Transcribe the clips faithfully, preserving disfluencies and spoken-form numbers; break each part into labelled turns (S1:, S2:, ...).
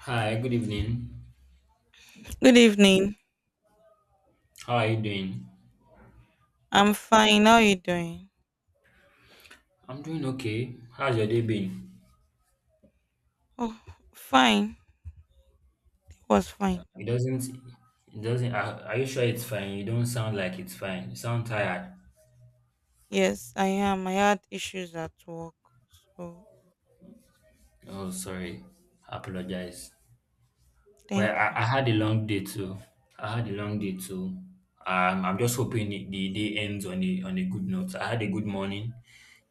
S1: Hi, good evening.
S2: Good evening.
S1: How are you doing?
S2: I'm fine. How are you doing?
S1: I'm doing okay. How's your day been?
S2: Oh, fine. It was fine.
S1: It doesn't, it doesn't, are, are you sure it's fine? You don't sound like it's fine. You sound tired.
S2: Yes, I am. I had issues at work. So,
S1: Oh, sorry. I apologize. Well,
S2: thank
S1: I,
S2: you.
S1: I had a long day too. I had a long day too. Um, I'm just hoping it- the day ends on a, on a good note. I had a good morning.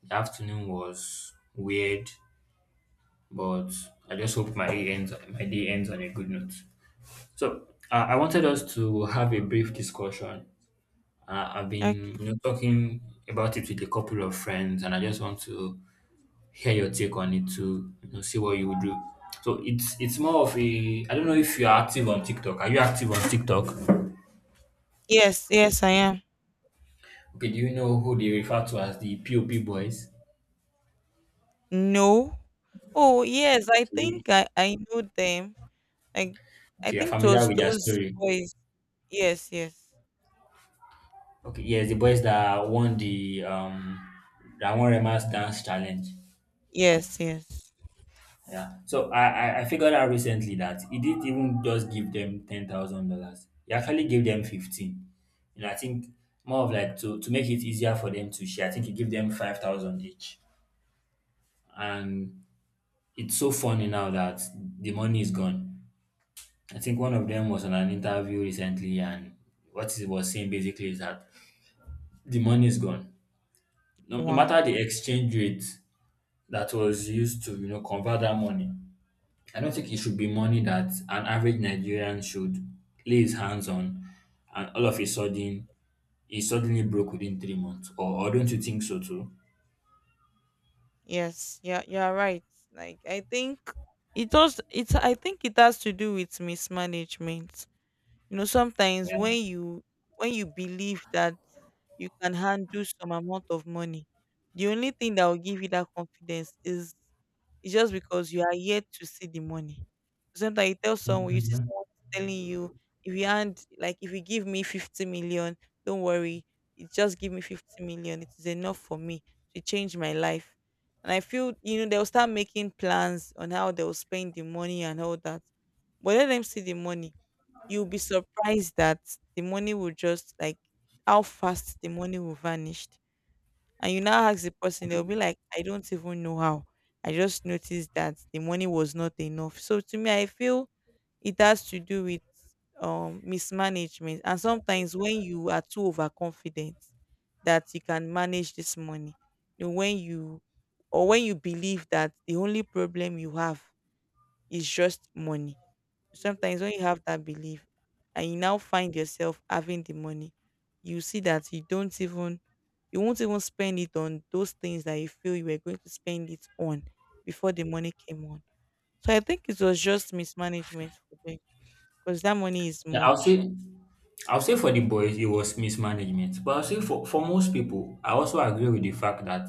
S1: The afternoon was weird, but I just hope my day ends, my day ends on a good note. So uh, I wanted us to have a brief discussion. Uh, I've been
S2: Okay.
S1: you know, talking about it with a couple of friends, and I just want to hear your take on it to you know, see what you would do. So it's it's more of a I don't know if you are active on TikTok. Are you active on TikTok?
S2: Yes, yes, I am.
S1: Okay, do you know who they refer to as the POP boys?
S2: No. Oh, yes, I
S1: Okay,
S2: think I, I know them. Like, I
S1: okay, you're
S2: think it
S1: familiar
S2: was
S1: with their
S2: those
S1: story.
S2: boys. Yes, yes.
S1: Okay, yes, the boys that won the um that won Rema's dance challenge.
S2: Yes, yes.
S1: Yeah. So I, I I figured out recently that he didn't even just give them ten thousand dollars. He actually gave them fifteen. You know, I think more of like to to make it easier for them to share. I think he gave them five thousand each, and it's so funny now that the money is gone. I think one of them was on an interview recently, and what he was saying basically is that the money is gone. No, no
S2: Wow.
S1: matter the exchange rate that was used to you know convert that money, I don't think it should be money that an average Nigerian should lay his hands on, and all of a sudden he's suddenly broke within three months. Or, or don't you think so too?
S2: Yes, yeah, you're right. Like, I think it does, it's, I think it has to do with mismanagement. You know, sometimes
S1: Yeah.
S2: when you when you believe that you can handle some amount of money, the only thing that will give you that confidence is it's just because you are yet to see the money. Sometimes you tell someone, you see
S1: Mhm.
S2: someone telling you, if you hand, like, if you give me fifty million, don't worry, it just give me fifty million. It is enough for me to change my life. And I feel, you know, they'll start making plans on how they'll spend the money and all that. But let them see the money. You'll be surprised that the money will just like how fast the money will vanished. And you now ask the person, they'll be like, I don't even know how. I just noticed that the money was not enough. So to me, I feel it has to do with um mismanagement. And sometimes when you are too overconfident that you can manage this money, you know, when you or when you believe that the only problem you have is just money. Sometimes when you have that belief and you now find yourself having the money, you see that you don't even you won't even spend it on those things that you feel you were going to spend it on before the money came on. So I think it was just mismanagement for them because that money is
S1: Yeah, I'll
S2: much.
S1: say I'll say for the boys it was mismanagement. But I'll say for, for most people, I also agree with the fact that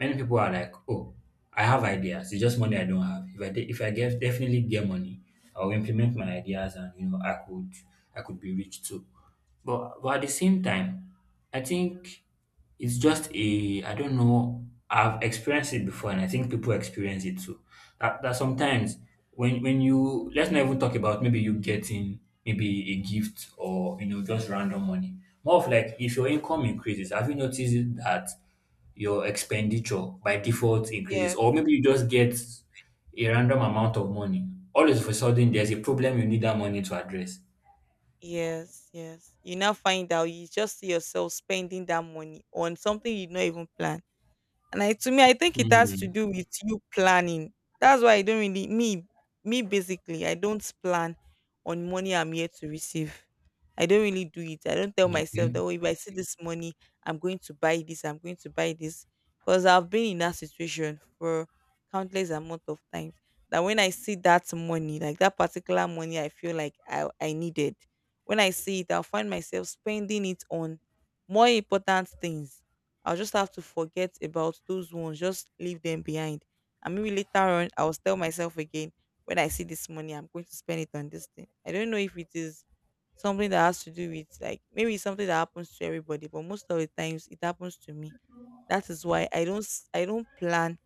S1: many people are like, oh, I have ideas, it's just money I don't have. If I de- if I get definitely get money, I'll implement my ideas, and you know I could I could be rich too. But but at the same time, I think it's just a I don't know. I've experienced it before, and I think people experience it too. That that sometimes when when you let's not even talk about maybe you getting maybe a gift or you know just random money. More of like if your income increases, have you noticed that your expenditure by default increases,
S2: Yes.
S1: or maybe you just get a random amount of money. All of a sudden, there's a problem you need that money to address.
S2: Yes, yes. You now find out you just see yourself spending that money on something you did not even plan. And I to me, I think it has to
S1: Hmm.
S2: do with you planning. That's why I don't really, me me basically, I don't plan on money I'm here to receive. I don't really do it. I don't tell myself
S1: Okay.
S2: that, oh, if I see this money, I'm going to buy this, I'm going to buy this. Because I've been in that situation for countless amount of times. That when I see that money, like that particular money I feel like I, I needed, when I see it, I'll find myself spending it on more important things. I'll just have to forget about those ones, just leave them behind. And maybe later on, I will tell myself again, when I see this money, I'm going to spend it on this thing. I don't know if it is something that has to do with, like, maybe it's something that happens to everybody, but most of the times it happens to me. That is why I don't s- I don't plan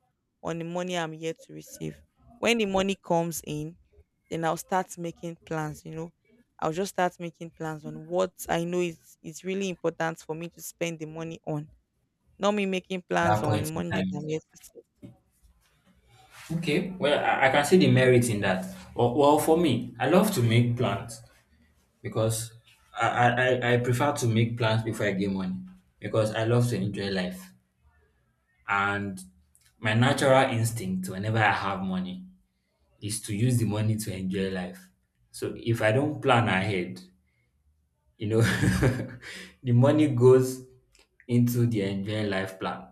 S2: on the money I'm yet to receive. When the money comes in, then I'll start making plans, you know. I'll just start making plans on what I know is is really important for me to spend the money on, not me making
S1: At
S2: plans
S1: that
S2: on
S1: point in
S2: money that I'm
S1: time.
S2: yet to see.
S1: Okay, well, I, I can see the merit in that. Well, well, for me, I love to make plans because I, I, I I prefer to make plans before I get money because I love to enjoy life. And my natural instinct whenever I have money is to use the money to enjoy life. So if I don't plan ahead, you know, the money goes into the enjoy life plan.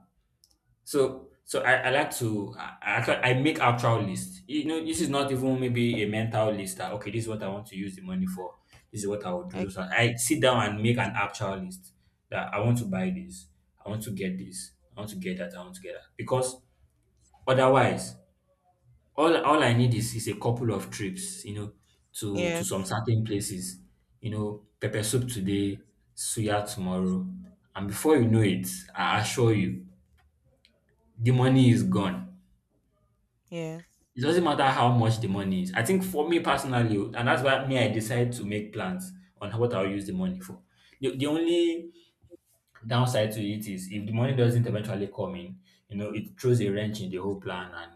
S1: So so I, I like to I, I actually- I make actual list. You know, this is not even maybe a mental list that okay, this is what I want to use the money for. This is what I will do.
S2: Like,
S1: So I sit down and make an actual list that I want to buy this, I want to get this, I want to get that, I want to get that. Because otherwise, all all I need is is a couple of trips, you know, to to some
S2: yes,
S1: certain places. You know, pepper soup today, suya tomorrow, and before you know it, I assure you, the money is gone.
S2: yes,
S1: It doesn't matter how much the money is. I think for me personally, and that's why me I decide to make plans on how- what I'll use the money for. The, the only downside to it is if the money doesn't eventually come in, you know, it throws a wrench in the whole plan, and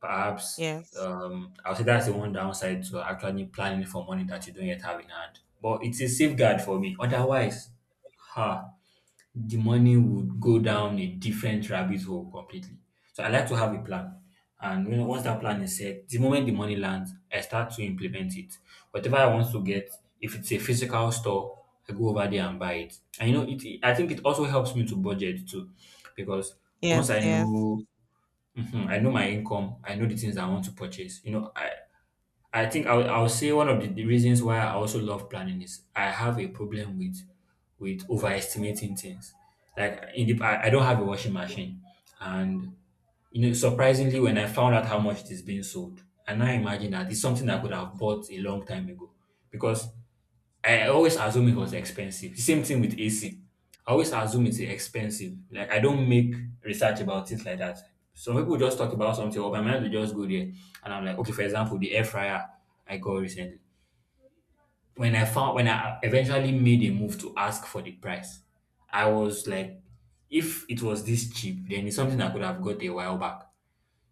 S1: perhaps
S2: yes,
S1: um, I'll say that's the one downside to actually planning for money that you don't yet have in hand. But it's a safeguard for me. Otherwise, ha the money would go down a different rabbit hole completely. So I like to have a plan. And you know, once that plan is set, the moment the money lands, I start to implement it. Whatever I want to get, if it's a physical store, I go over there and buy it. And you know, it I think it also helps me to budget too, because
S2: yes,
S1: once I
S2: yes.
S1: know Mhm. I know my income, I know the things I want to purchase. You know, I I think I would, I would say one of the, the reasons why I also love planning is I have a problem with with overestimating things. Like in the I, I don't have a washing machine, and you know surprisingly when I found out how much it is being sold, and I now imagine that it's something I could have bought a long time ago because I always assume it was expensive. The same thing with A C. I always assume it's expensive. Like I don't make research about things like that. Some people just talk about something, or my mind will just go there, and I'm like, okay. For example, the air fryer I got recently. When I found when I eventually made a move to ask for the price, I was like, if it was this cheap, then it's something I could have got a while back.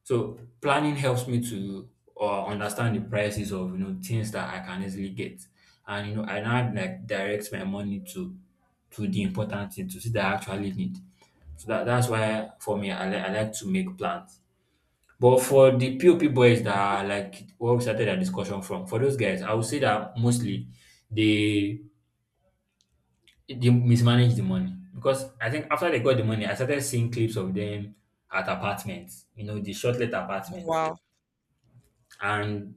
S1: So planning helps me to uh, understand the prices of you know things that I can easily get, and you know I now like direct my money to to the important thing to see that I actually need. So that that's why for me I, li- I like to make plans. But for the POP boys that are like where we started our discussion from, for those guys, I would say that mostly they they mismanage the money because I think after they got the money, I started seeing clips of them at apartments, you know, the shortlet apartments,
S2: Wow,
S1: and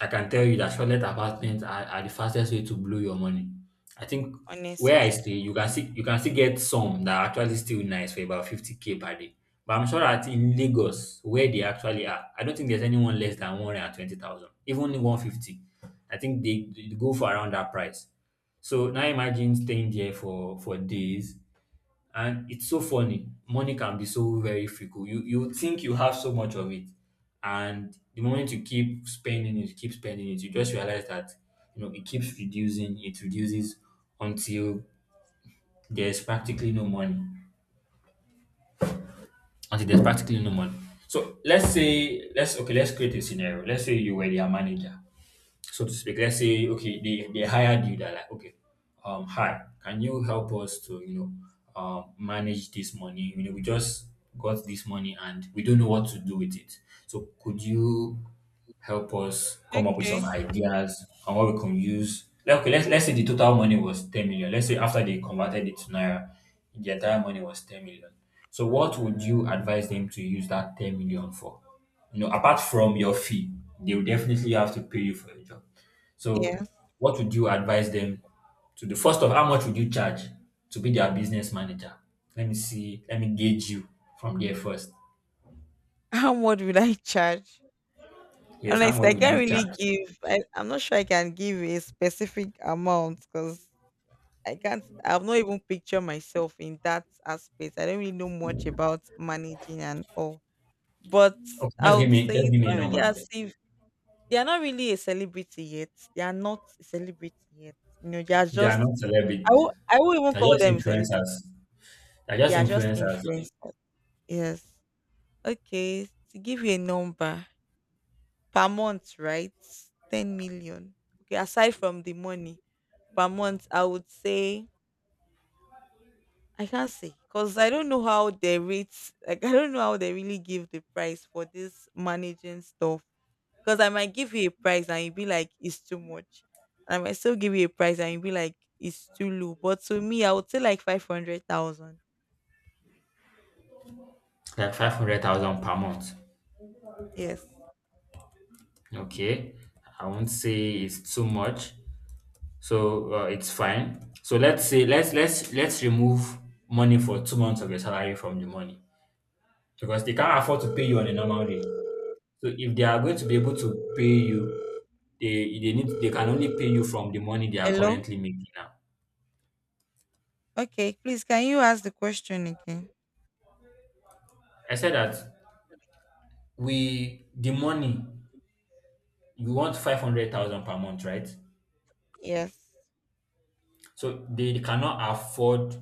S1: I can tell you that shortlet apartments are, are the fastest way to blow your money. I think where I
S2: honestly.
S1: stay, you can see you can still get some that are actually still nice for about fifty k per day. But I'm sure that in Lagos, where they actually are, I don't think there's anyone less than one hundred twenty thousand, even one hundred fifty. I think they, they go for around that price. So now imagine staying there for for days, and it's so funny. Money can be so very fickle. You you think you have so much of it, and the moment you keep spending it, keep spending it, you just realize that you know it keeps reducing. It reduces until there's practically no money. Until there's practically no money. So let's say let's okay. Let's create a scenario. Let's say you were their manager so to speak. Let's say, okay, they, they hired you, they're like, okay, um, hi, can you help us to, you know, um, manage this money? You know, we just got this money and we don't know what to do with it. So could you help us come up with some
S2: Okay.
S1: ideas on what we can use? Like, okay, let's, let's say the total money was ten million. Let's say after they converted it to Naira, the entire money was ten million. So what would you advise them to use that ten million for? You know, apart from your fee, they will definitely have to pay you for your job.
S2: Yeah.
S1: So, what would you advise them to do? First of, how much would you charge to be their business manager? Let me see. Let me gauge you from there first.
S2: How much would I charge?
S1: Yes, how
S2: Honestly,
S1: much
S2: I
S1: would
S2: can't
S1: you
S2: really
S1: charge?
S2: give. I, I'm not sure I can give a specific amount because I can't. I've not even pictured myself in that aspect. I don't really know much about managing and all. But
S1: Okay,
S2: I
S1: just give
S2: would
S1: me
S2: say
S1: just
S2: it's
S1: give me a
S2: not really
S1: number.
S2: as if. They are not really a celebrity yet. They are not a celebrity yet. You know, they are
S1: They are
S2: just.
S1: not
S2: I
S1: celebrities.
S2: won't I won't even
S1: They're
S2: call
S1: just
S2: them celebrity.
S1: influencers. They're
S2: They
S1: just
S2: are just
S1: influencers.
S2: influencers. Yes. Okay. To give you a number per month, right? Ten million. Okay, aside from the money per month, I would say I can't say because I don't know how they rate. Like, I don't know how they really give the price for this managing stuff. Because I might give you a price and you'll be like it's too much, and I might still give you a price and you'll be like it's too low. But to me, I would say like five hundred thousand.
S1: Like five hundred thousand per month.
S2: Yes.
S1: Okay, I won't say it's too much. So uh, it's fine. So let's say let's let's let's remove money for two months of your salary from the money because they can't afford to pay you on a normal day. So if they are going to be able to pay you, they they need they can only pay you from the money they are
S2: Hello?
S1: currently making now.
S2: Okay, please can you ask the question again?
S1: I said that we the money you want five hundred thousand per month, right?
S2: Yes.
S1: So they cannot afford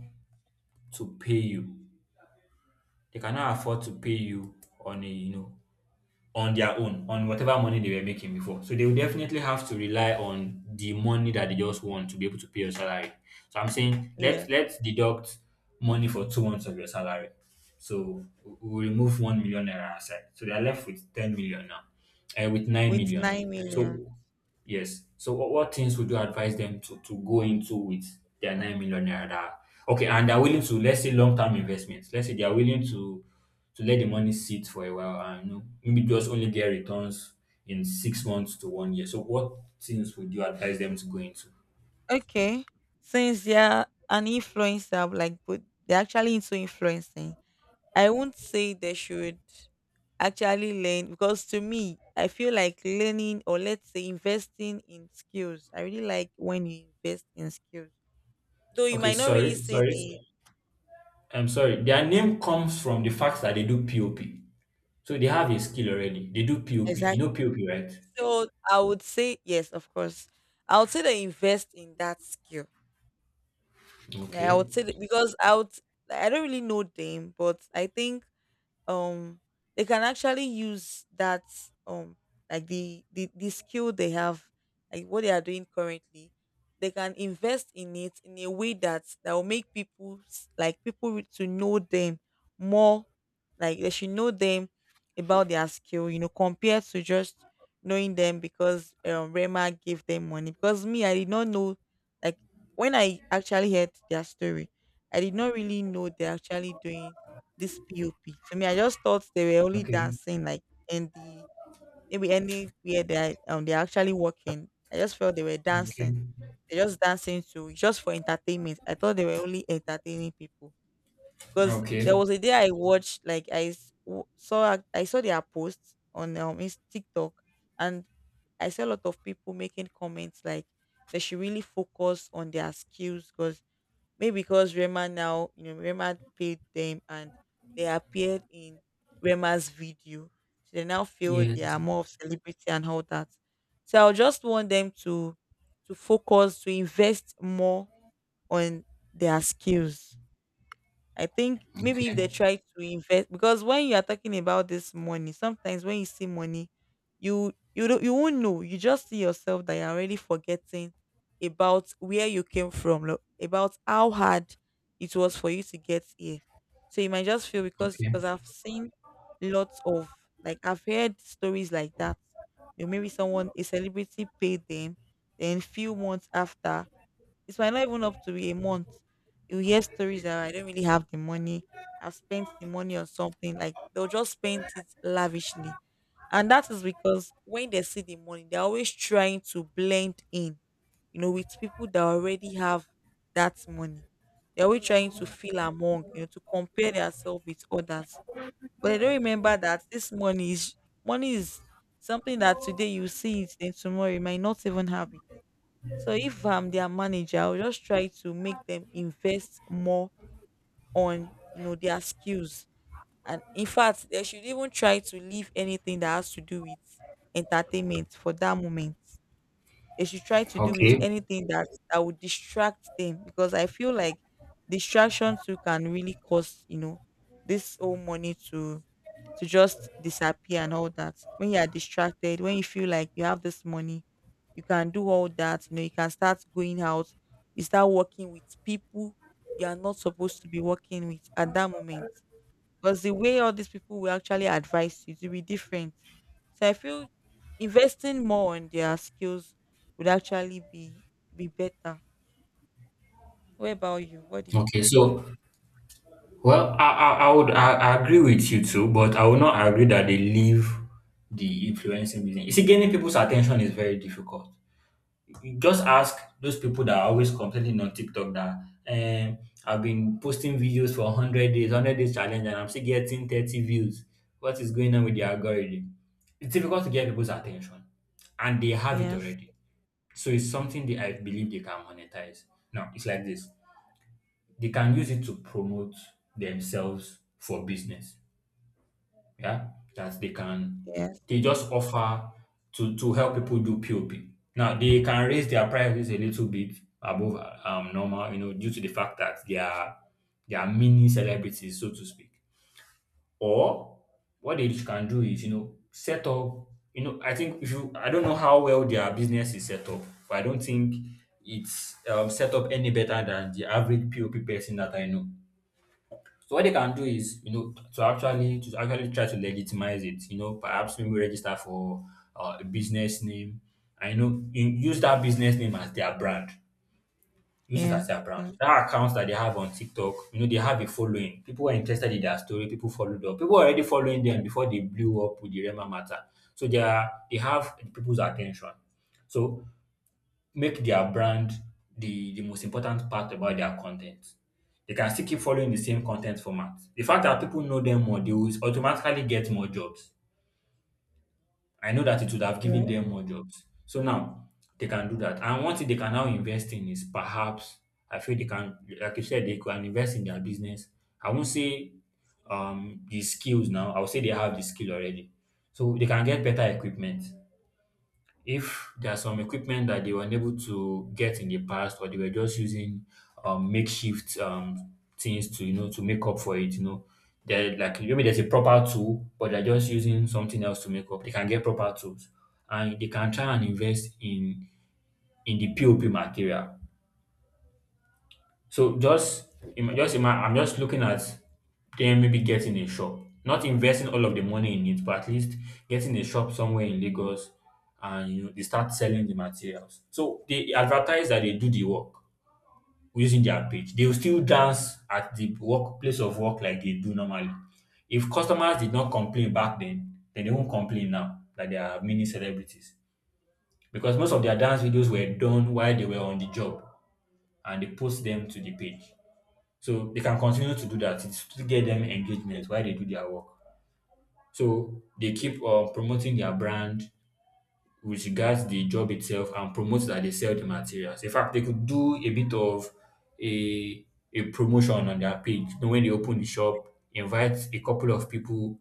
S1: to pay you. They cannot afford to pay you on a you know on their own on whatever money they were making before. So they will definitely have to rely on the money that they just want to be able to pay your salary. So I'm saying let
S2: Yes.
S1: let's deduct money for two months of your salary. So we we remove one million naira aside. So they're left with ten million now, uh, with nine
S2: With
S1: million.
S2: nine million.
S1: So yes. So what, what things would you advise them to, to go into with their nine million naira that okay, and they're willing to, let's say, long term investments. Let's say they are willing to to let the money sit for a while and you know, maybe just only get returns in six months to one year. So what things would you advise them to go into?
S2: Okay. Since they are an influencer, like, but they're actually into influencing. I won't say they should actually learn because to me, I feel like learning, or let's say investing in skills. I really like when you invest in skills, though you
S1: Okay,
S2: might not really
S1: sorry,
S2: see
S1: sorry.
S2: the
S1: I'm sorry. Their name comes from the fact that they do POP. So they have a skill already. They do POP. You
S2: exact.
S1: know POP, right?
S2: So I would say yes, of course. I would say they invest in that skill. You I
S1: Okay.
S2: would say that, because I would I don't really know them, but I think um they can actually use that um like the the, the skill they have, like what they are doing currently. They can invest in it in a way that that will make people s- like people re- to know them more, like they should know them about their skill, you know, compared to just knowing them because um Rema gave them money. Because me, I did not know. Like, when I actually heard their story, I did not really know they're actually doing this P O P. To me, I just thought they were only
S1: Okay.
S2: dancing, like in the, maybe anywhere they are, um they're actually working. I just felt they were dancing.
S1: Okay.
S2: They're just dancing to just for entertainment. I thought they were only entertaining people because there
S1: Okay.
S2: was a day I watched, like I s- w- saw a- I saw their posts on um Ins- TikTok, and I saw a lot of people making comments like they should really focus on their skills. Because Maybe because Rema now, you know, Rema paid them and they appeared in Rema's video. So they now feel they are
S1: Yes.
S2: more of celebrity and all that. So I just want them to to focus, to invest more on their skills. I think maybe if they
S1: Okay,
S2: try to invest, because when you are talking about this money, sometimes when you see money, you you don't you won't know. You just see yourself that you're already forgetting about where you came from, lo- about how hard it was for you to get here. So you might just feel, because
S1: okay,
S2: because I've seen lots of like I've heard stories like that. You know, maybe someone a celebrity paid them, then few months after, it might not even up to a month. You hear stories that I don't really have the money. I've spent the money on something. Like, they'll just spend it lavishly. And that is because when they see the money, they're always trying to blend in, you know, with people that already have that money. They're always trying to feel among, you know, to compare themselves with others. But they don't remember that this money is money is something that today you see it and tomorrow you might not even have it. So if I'm their manager, I'll just try to make them invest more on, you know, their skills. And in fact, they should even try to leave anything that has to do with entertainment for that moment. They should try to do with
S1: okay,
S2: anything that, that would distract them, because I feel like distraction too can really cause, you know, this whole money to to just disappear and all that. When you are distracted, when you feel like you have this money, you can do all that. You know, you can start going out, you start working with people you are not supposed to be working with at that moment. Because the way all these people will actually advise you to be different. So I feel investing more on their skills would actually be be better. What about you? What do you
S1: okay.
S2: think?
S1: So, well, I, I, I would I, I agree with you too, but I would not agree that they leave the influencing business. You see, gaining people's attention is very difficult. You just ask those people that are always complaining on TikTok that um, I've been posting videos for one hundred days, one hundred days challenge, and I'm still getting thirty views. What is going on with the algorithm? It's difficult to get people's attention, and they have it
S2: Yes,
S1: already. So it's something that I believe they can monetize. Now, it's like this. They can use it to promote themselves for business. Yeah, that they can
S2: yes,
S1: they just offer to to help people do POP. Now they can raise their prices a little bit above um normal, you know, due to the fact that they are they are mini celebrities, so to speak. Or what they can do is, you know, set up. You know, I think if you, I don't know how well their business is set up, but I don't think it's um, set up any better than the average POP person that I know. So what they can do is, you know, to actually to actually try to legitimize it, you know, perhaps maybe register for uh, a business name, and you know, you use that business name as their brand. Use it as
S2: yes,
S1: their brand.
S2: yes,
S1: That accounts that they have on TikTok, you know, they have a following. People were interested in their story. People followed up. People were already following them before they blew up with the Rema matter. So they are they have people's attention. So make their brand the, the most important part about their content. They can still keep following the same content format. The fact that people know them more, they will automatically get more jobs. I know that it would have given
S2: yes.
S1: them more jobs. So now they can do that. And one thing they can now invest in is perhaps I feel they can, like you said, they can invest in their business. I won't say um the skills now. I will say they have the skill already. So they can get better equipment if there's some equipment that they were unable to get in the past or they were just using um, makeshift um, things to you know to make up for it you know they're like maybe there's a proper tool but they're just using something else to make up they can get proper tools and they can try and invest in in the pop material so just im- just ima- I'm just looking at them maybe getting a shop, not investing all of the money in it, but at least getting a shop somewhere in Lagos, and you know they start selling the materials. So they advertise that they do the work using their page. They will still dance at the workplace of work like they do normally. If customers did not complain back then, then they won't complain now that they are mini celebrities because most of their dance videos were done while they were on the job and they post them to the page. So they can continue to do that. It's to get them engagement while they do their work. So they keep on promoting their brand with regards the job itself and promote that they sell the materials. In fact, they could do a bit of a a promotion on their page. You know, when they open the shop, invite a couple of people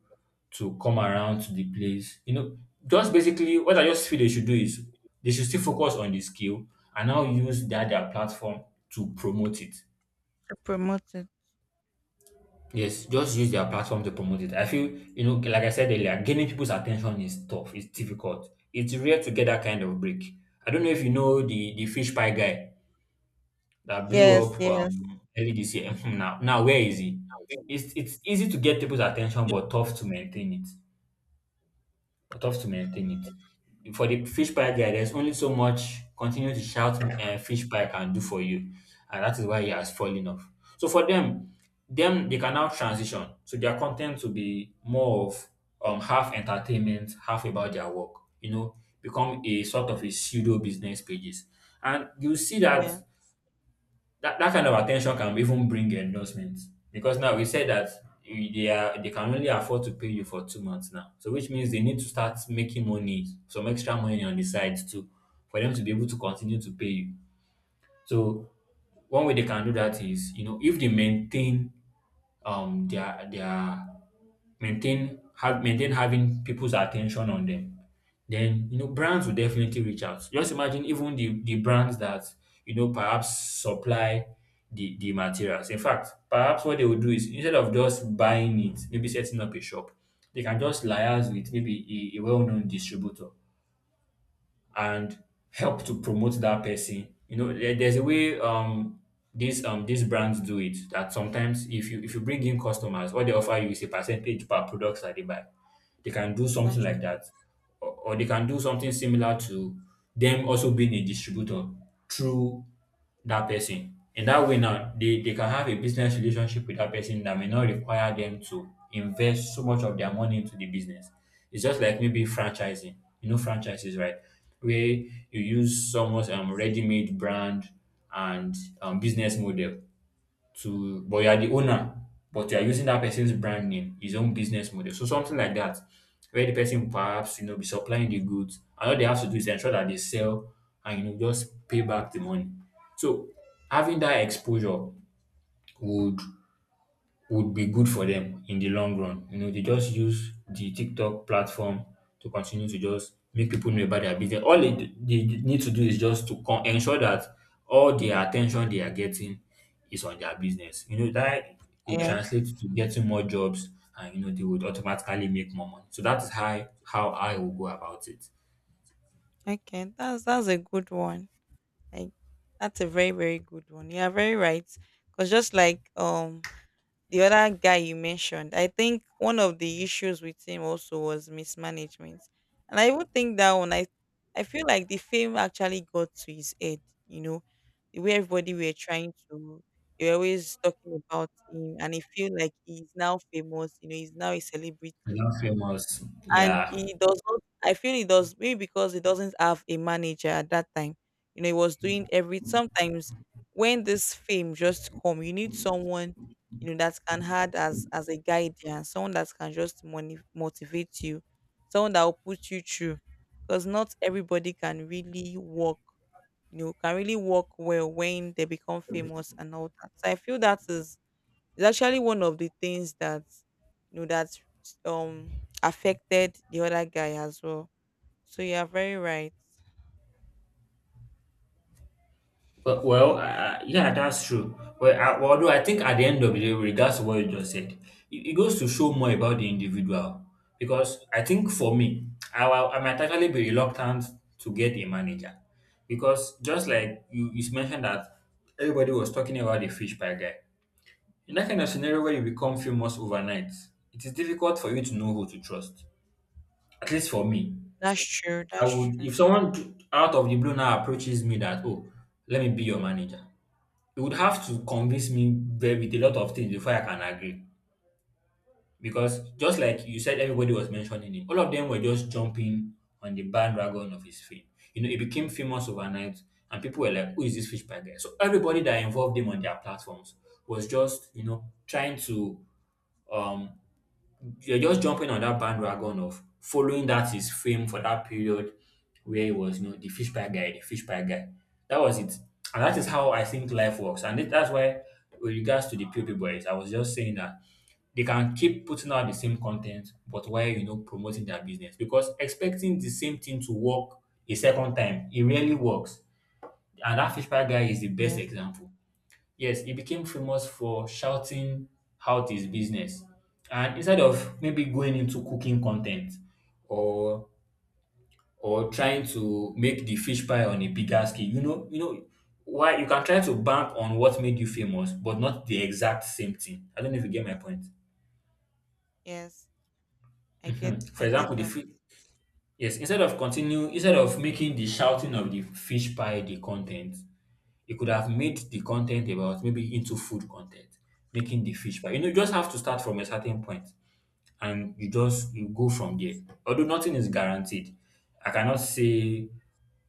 S1: to come around to the place. You know, just basically what I just feel they should do is they should still focus on the skill and now use that their platform to promote it.
S2: To promote it.
S1: Yes, just use their platform to promote it. I feel, you know, like I said earlier, gaining people's attention is tough. It's difficult. It's rare to get that kind of break. I don't know if you know the the fish pie guy that blew
S2: Yes,
S1: up
S2: yes,
S1: um, early this year. Now, now where is he? It's it's easy to get people's attention, but tough to maintain it but tough to maintain it. For the fish pie guy, there's only so much continue to shout uh, fish pie can do for you, and that is why he has fallen off. So for them, them they can now transition. So their content will be more of um half entertainment, half about their work. You know, become a sort of a pseudo business pages, and you see that
S2: yes.
S1: that, that kind of attention can even bring endorsement because now we said that you- they are they can only afford to pay you for two months now so which means they need to start making money some extra money on the side too for them to be able to continue to pay you so one way they can do that is you know if they maintain um their their maintain have maintain having people's attention on them, then you know brands will definitely reach out. Just imagine even the, the brands that you know perhaps supply the, the materials. In fact, perhaps what they will do is instead of just buying it, maybe setting up a shop, they can just liaise with maybe a, a well known distributor and help to promote that person. You know, there- there's a way um these um these brands do it that sometimes if you if you bring in customers, what they offer you is a percentage per products that they buy. They can do something
S2: That's.
S1: like that or or they can do something similar to them also being a distributor through that person. In that way now, they, they can have a business relationship with that person that may not require them to invest so much of their money into the business. It's just like maybe franchising. You know franchises, right? Where you use someone's um, ready-made brand and um, business model to but you are the owner but you are using that person's brand name his own business model so something like that where the person perhaps you know be supplying the goods and all they have to do is ensure that they sell and you know just pay back the money so having that exposure would would be good for them in the long run. You know, they just use the TikTok platform to continue to just make people know about their business. All they, they need to do is just to con- ensure that all the attention they are getting is on their business. You know, that would
S2: Yeah.
S1: translate to getting more jobs and, you know, they would automatically make more money. So that is how, how I will go about it.
S2: Okay. That's that's a good one. Like, that's a very, very good one. You are very right. Cause, just like um the other guy you mentioned, I think one of the issues with him also was mismanagement. And I even think that one, I I feel like the fame actually got to his head. You know, the way everybody were trying to, they were always talking about him, and he feel like he's now famous. You know, he's now a
S1: And
S2: celebrity.
S1: that famous,
S2: And
S1: yeah.
S2: he does not I feel he does maybe because he doesn't have a manager at that time. You know, he was doing every, sometimes when this fame just come, you need someone, you know, that can act as as a guardian, someone that can just money, motivate you, someone that will put you through. Because not everybody can really work, you know, can really work well when they become famous and all that. So I feel that is it's actually one of the things that, you know, that um affected the other guy as well. So you are very right.
S1: Well, well,
S2: Okay.
S1: uh, yeah, that's true. Well, I, although I think at the end of the day, with regards to what you just said, it, it goes to show more about the individual. Because I think for me, I, wa- I might actually be reluctant to get a manager. Because just like you, you mentioned that everybody was talking about the fish pie guy. In that kind of scenario where you become famous overnight, it is difficult for you to know who to trust. At least for me,
S2: That's true.
S1: I
S2: That's
S1: would if
S2: true.
S1: someone t- out of the blue now approaches me that, oh, let me be your manager you would have to convince me very with a lot of things before I can agree. Because just like you said, everybody was mentioning him. All of them were just jumping on the bandwagon of his fame. You know, he became famous overnight, and people were like, "Who is this fish pie guy?" So everybody that involved him on their platforms was just, you know, trying to um you're just jumping on that bandwagon of following that his fame for that period where he was, you know, the fish pie guy, the fish pie guy. That was it. And that is how I think life works. And it- that's why, with regards to the POP boys, I was just saying that they can keep putting out the same content, but while, you know, promoting their business. Because expecting the same thing to work a second time, it rarely works. And that fish pie guy is the best
S2: Yes.
S1: example. Yes, he became famous for shouting out his business. And instead of maybe going into cooking content or or trying to make the fish pie on a bigger scale, you know, you know why you can try to bank on what made you famous, but not the exact same thing. I don't know if you get my point.
S2: Yes. I get
S1: Hmm. For
S2: I get
S1: example, the
S2: that.
S1: fish. Yes, instead of continue, instead of making the shouting of the fish pie the content, you could have made the content about maybe into food content, making the fish. But you know, you just have to start from a certain point and you just you go from there. Although nothing is guaranteed. I cannot say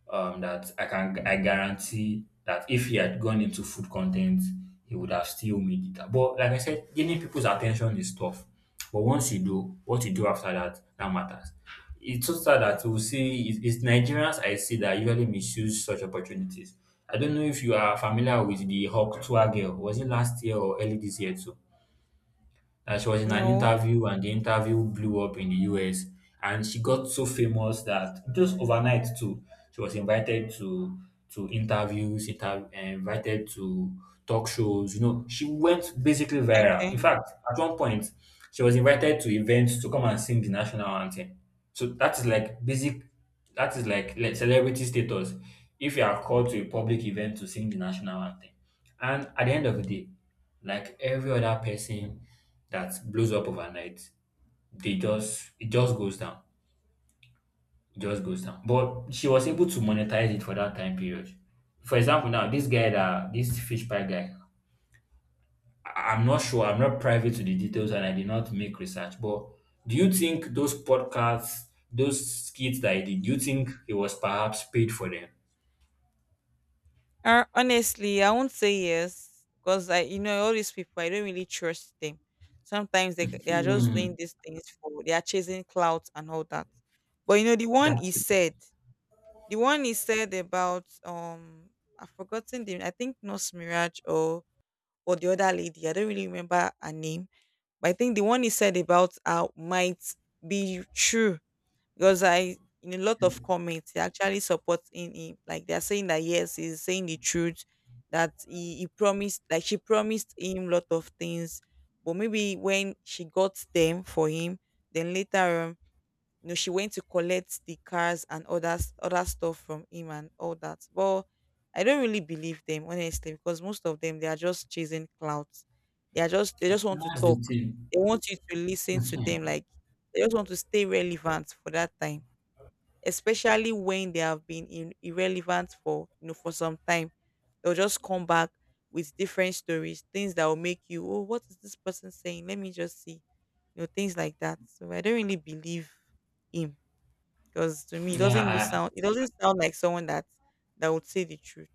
S1: um, that I can I guarantee that if he had gone into food content, he would have still made it. But like I said, gaining people's attention is tough. But once you do, what you do after that, that matters. It's just that that you will
S2: Yes.
S1: see, it- it's Nigerians I see that usually misuse such opportunities. I don't know if you are familiar with the Hawk Tour girl. Was it last year or early this year too? That she was in an
S2: No.
S1: interview and the interview blew up in the U S and she got so famous that just overnight too she was invited to to interviews inter- eh, invited to talk shows, you know, she went basically viral.
S2: Okay.
S1: In fact, at one point she was invited to events to come and sing the national anthem. So that is like basic, that is like, like celebrity status. If you are called to a public event to sing the national anthem, and at the end of the day, like every other person that blows up overnight, they just it just goes down. It just goes down. But she was able to monetize it for that time period. For example, now this guy, that this fish pie guy, I- I'm not sure, I'm not privy to the details and I did not make research. But do you think those podcasts, those skits that he did, do you think he was perhaps paid for them?
S2: Uh, honestly, I won't say yes because I, you know, all these people, I don't really trust them. Sometimes they c- they are just
S1: Hmm.
S2: doing these things for they are chasing clout and all that. But you know, the one
S1: That
S2: he
S1: is,
S2: said. The one he said about, um I've forgotten, the I think Nurse Mirage, or or the other lady. I don't really remember her name. But I think the one he said about her might be true. Because I in a lot of comments, they actually supporting him. Like, they're saying that yes, he's saying the truth, that he, he promised like she promised him lot of things. But maybe when she got them for him, then later you know, she went to collect the cars and others, other stuff from him and all that. But I don't really believe them honestly, because most of them they are just chasing clouds. They are just they just want to
S1: that's the
S2: talk.
S1: thing.
S2: They want you to listen to them, like they just want to stay relevant for that time. Especially when they have been in, irrelevant for you know for some time. They'll just come back with different stories, things that will make you, oh, what is this person saying? Let me just see. You know, things like that. So I don't really believe him, because to me, it doesn't look
S1: Yeah.
S2: sound. It doesn't sound like someone that that would say the truth.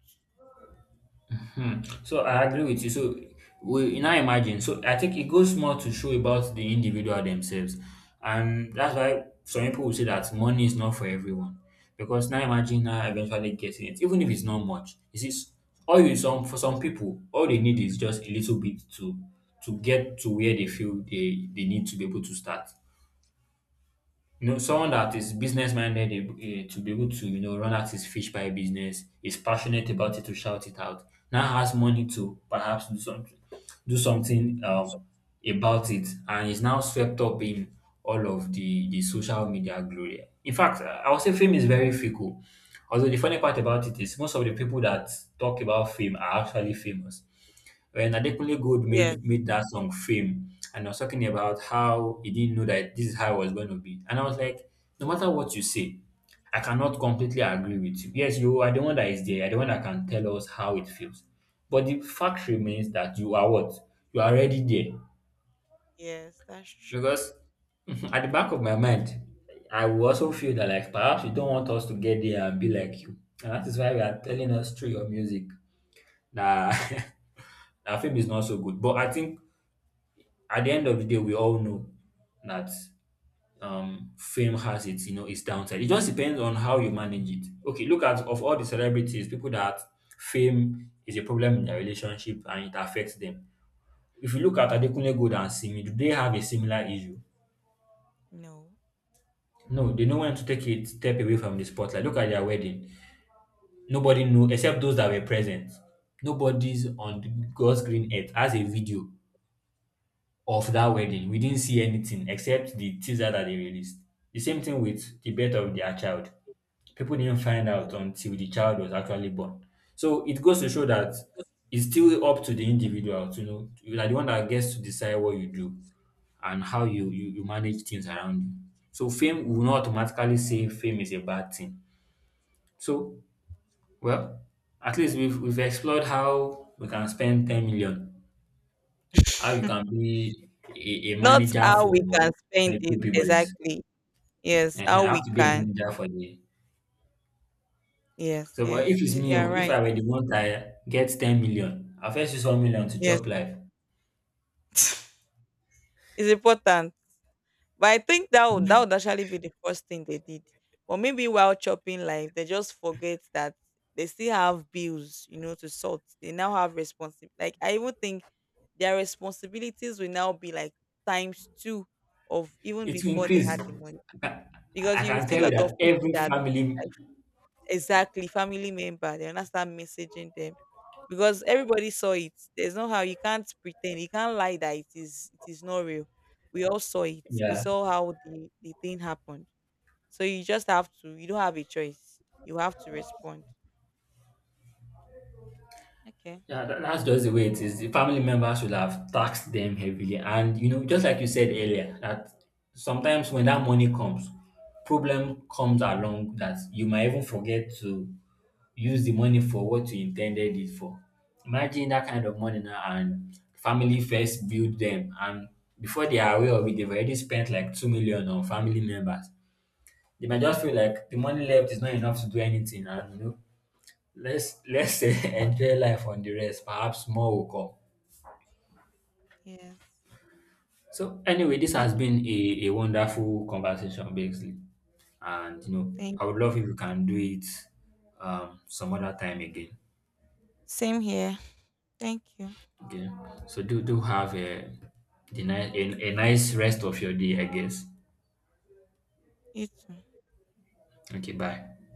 S1: Hmm. So I agree with you. So we now imagine. So I think it goes more to show about the individual themselves, and that's why some people will say that money is not for everyone. Because now imagine now eventually getting it, even if it's not much. You see, s- all you some for some people, all they need is just a little bit to to get to where they feel they they need to be able to start. You know, someone that is business minded, eh, to be able to, you know, run out his fish pie business, is passionate about it to shout it out, now has money to perhaps do something, do something, um, about it, and is now swept up in all of the, the social media glory. In fact, I I would say fame is very fickle. Although the funny part about it is most of the people that talk about fame are actually famous. When Adekunle Gold
S2: Yes,
S1: made made that song fame, and I was talking about how he didn't know that this is how it was going to be, and I was like, no matter what you say, I cannot completely agree with you. Yes, you are the one that is there, you are the one that can tell us how it feels. But the fact remains that you are what? You are already there.
S2: yes, that's true.
S1: Because at the back of my mind, I will also feel that, like, perhaps you don't want us to get there and be like you. And that is why we are telling us through your music that our film is not so good. But I think at the end of the day, we all know that, um, fame has, its you know, its downside. It just depends on how you manage it. Okay, look at, of all the celebrities, people that fame is a problem in their relationship and it affects them. If you look at Adekunle Gold and Simi, do they have a similar issue?
S2: No,
S1: No, they know when to take it step away from the spotlight. Look at their wedding. Nobody knew except those that were present. Nobody's on the God's green earth has a video of that wedding. We didn't see anything except the teaser that they released. The same thing with the birth of their child. People didn't find out
S2: yeah.
S1: until the child was actually born. So it goes to show that it's still up to the individual to know. You are the one that gets to decide what you do and how you, you, you manage things around you. So fame will not automatically say fame is a bad thing. So, well, at least we've, we've explored how we can spend ten million, how you can be a, a
S2: Not
S1: manager
S2: how
S1: for
S2: we can
S1: for
S2: spend
S1: the
S2: it
S1: poor boys.
S2: exactly. Yes,
S1: Ehen, I
S2: how
S1: have
S2: we
S1: to be a
S2: can.
S1: manager for the.
S2: Yes,
S1: So, but if
S2: yes.
S1: it's me, oh,
S2: You're
S1: if
S2: right.
S1: I were the one that gets ten million, I first use one million to
S2: Yes,
S1: chop life.
S2: it's important. But I think that would that would actually be the first thing they did. But maybe while chopping life, they just forget that they still have bills, you know, to sort. They now have responsibility. Like, I even think their responsibilities will now be like times two of even
S1: It will
S2: before they
S1: increase.
S2: had
S1: I
S2: the money.
S1: can,
S2: Because
S1: I
S2: you
S1: can
S2: see a
S1: tell you
S2: lot
S1: that
S2: of people
S1: every
S2: that.
S1: family,
S2: Exactly, family member. They'll not start messaging them because everybody saw it. There's no how you can't pretend. You can't lie that it is it is not real. We all saw it. We
S1: yeah,
S2: saw how the, the thing happened. So you just have to. You don't have a choice. You have to respond. Okay.
S1: yeah, that, that's just the way it is. The family members should have taxed them heavily. And, you know, just like you said earlier, that sometimes when that money comes, problem comes along that you might even forget to use the money for what you intended it for. Imagine that kind of money now and family first build them, and before they are aware of it, they've already spent like two million on family members. They might just feel like the money left is not enough to do anything and, you know, let's let's enjoy life on the rest. Perhaps more will come.
S2: Yes.
S1: So anyway, this has
S2: Okay.
S1: been a, a wonderful conversation, basically. And you know,
S2: Thank
S1: I would
S2: you.
S1: love if you can do it um some other time again.
S2: Same here. Thank you.
S1: Okay. So do do have a the nice a, a nice rest of your day, I guess.
S2: You too.
S1: Okay, bye.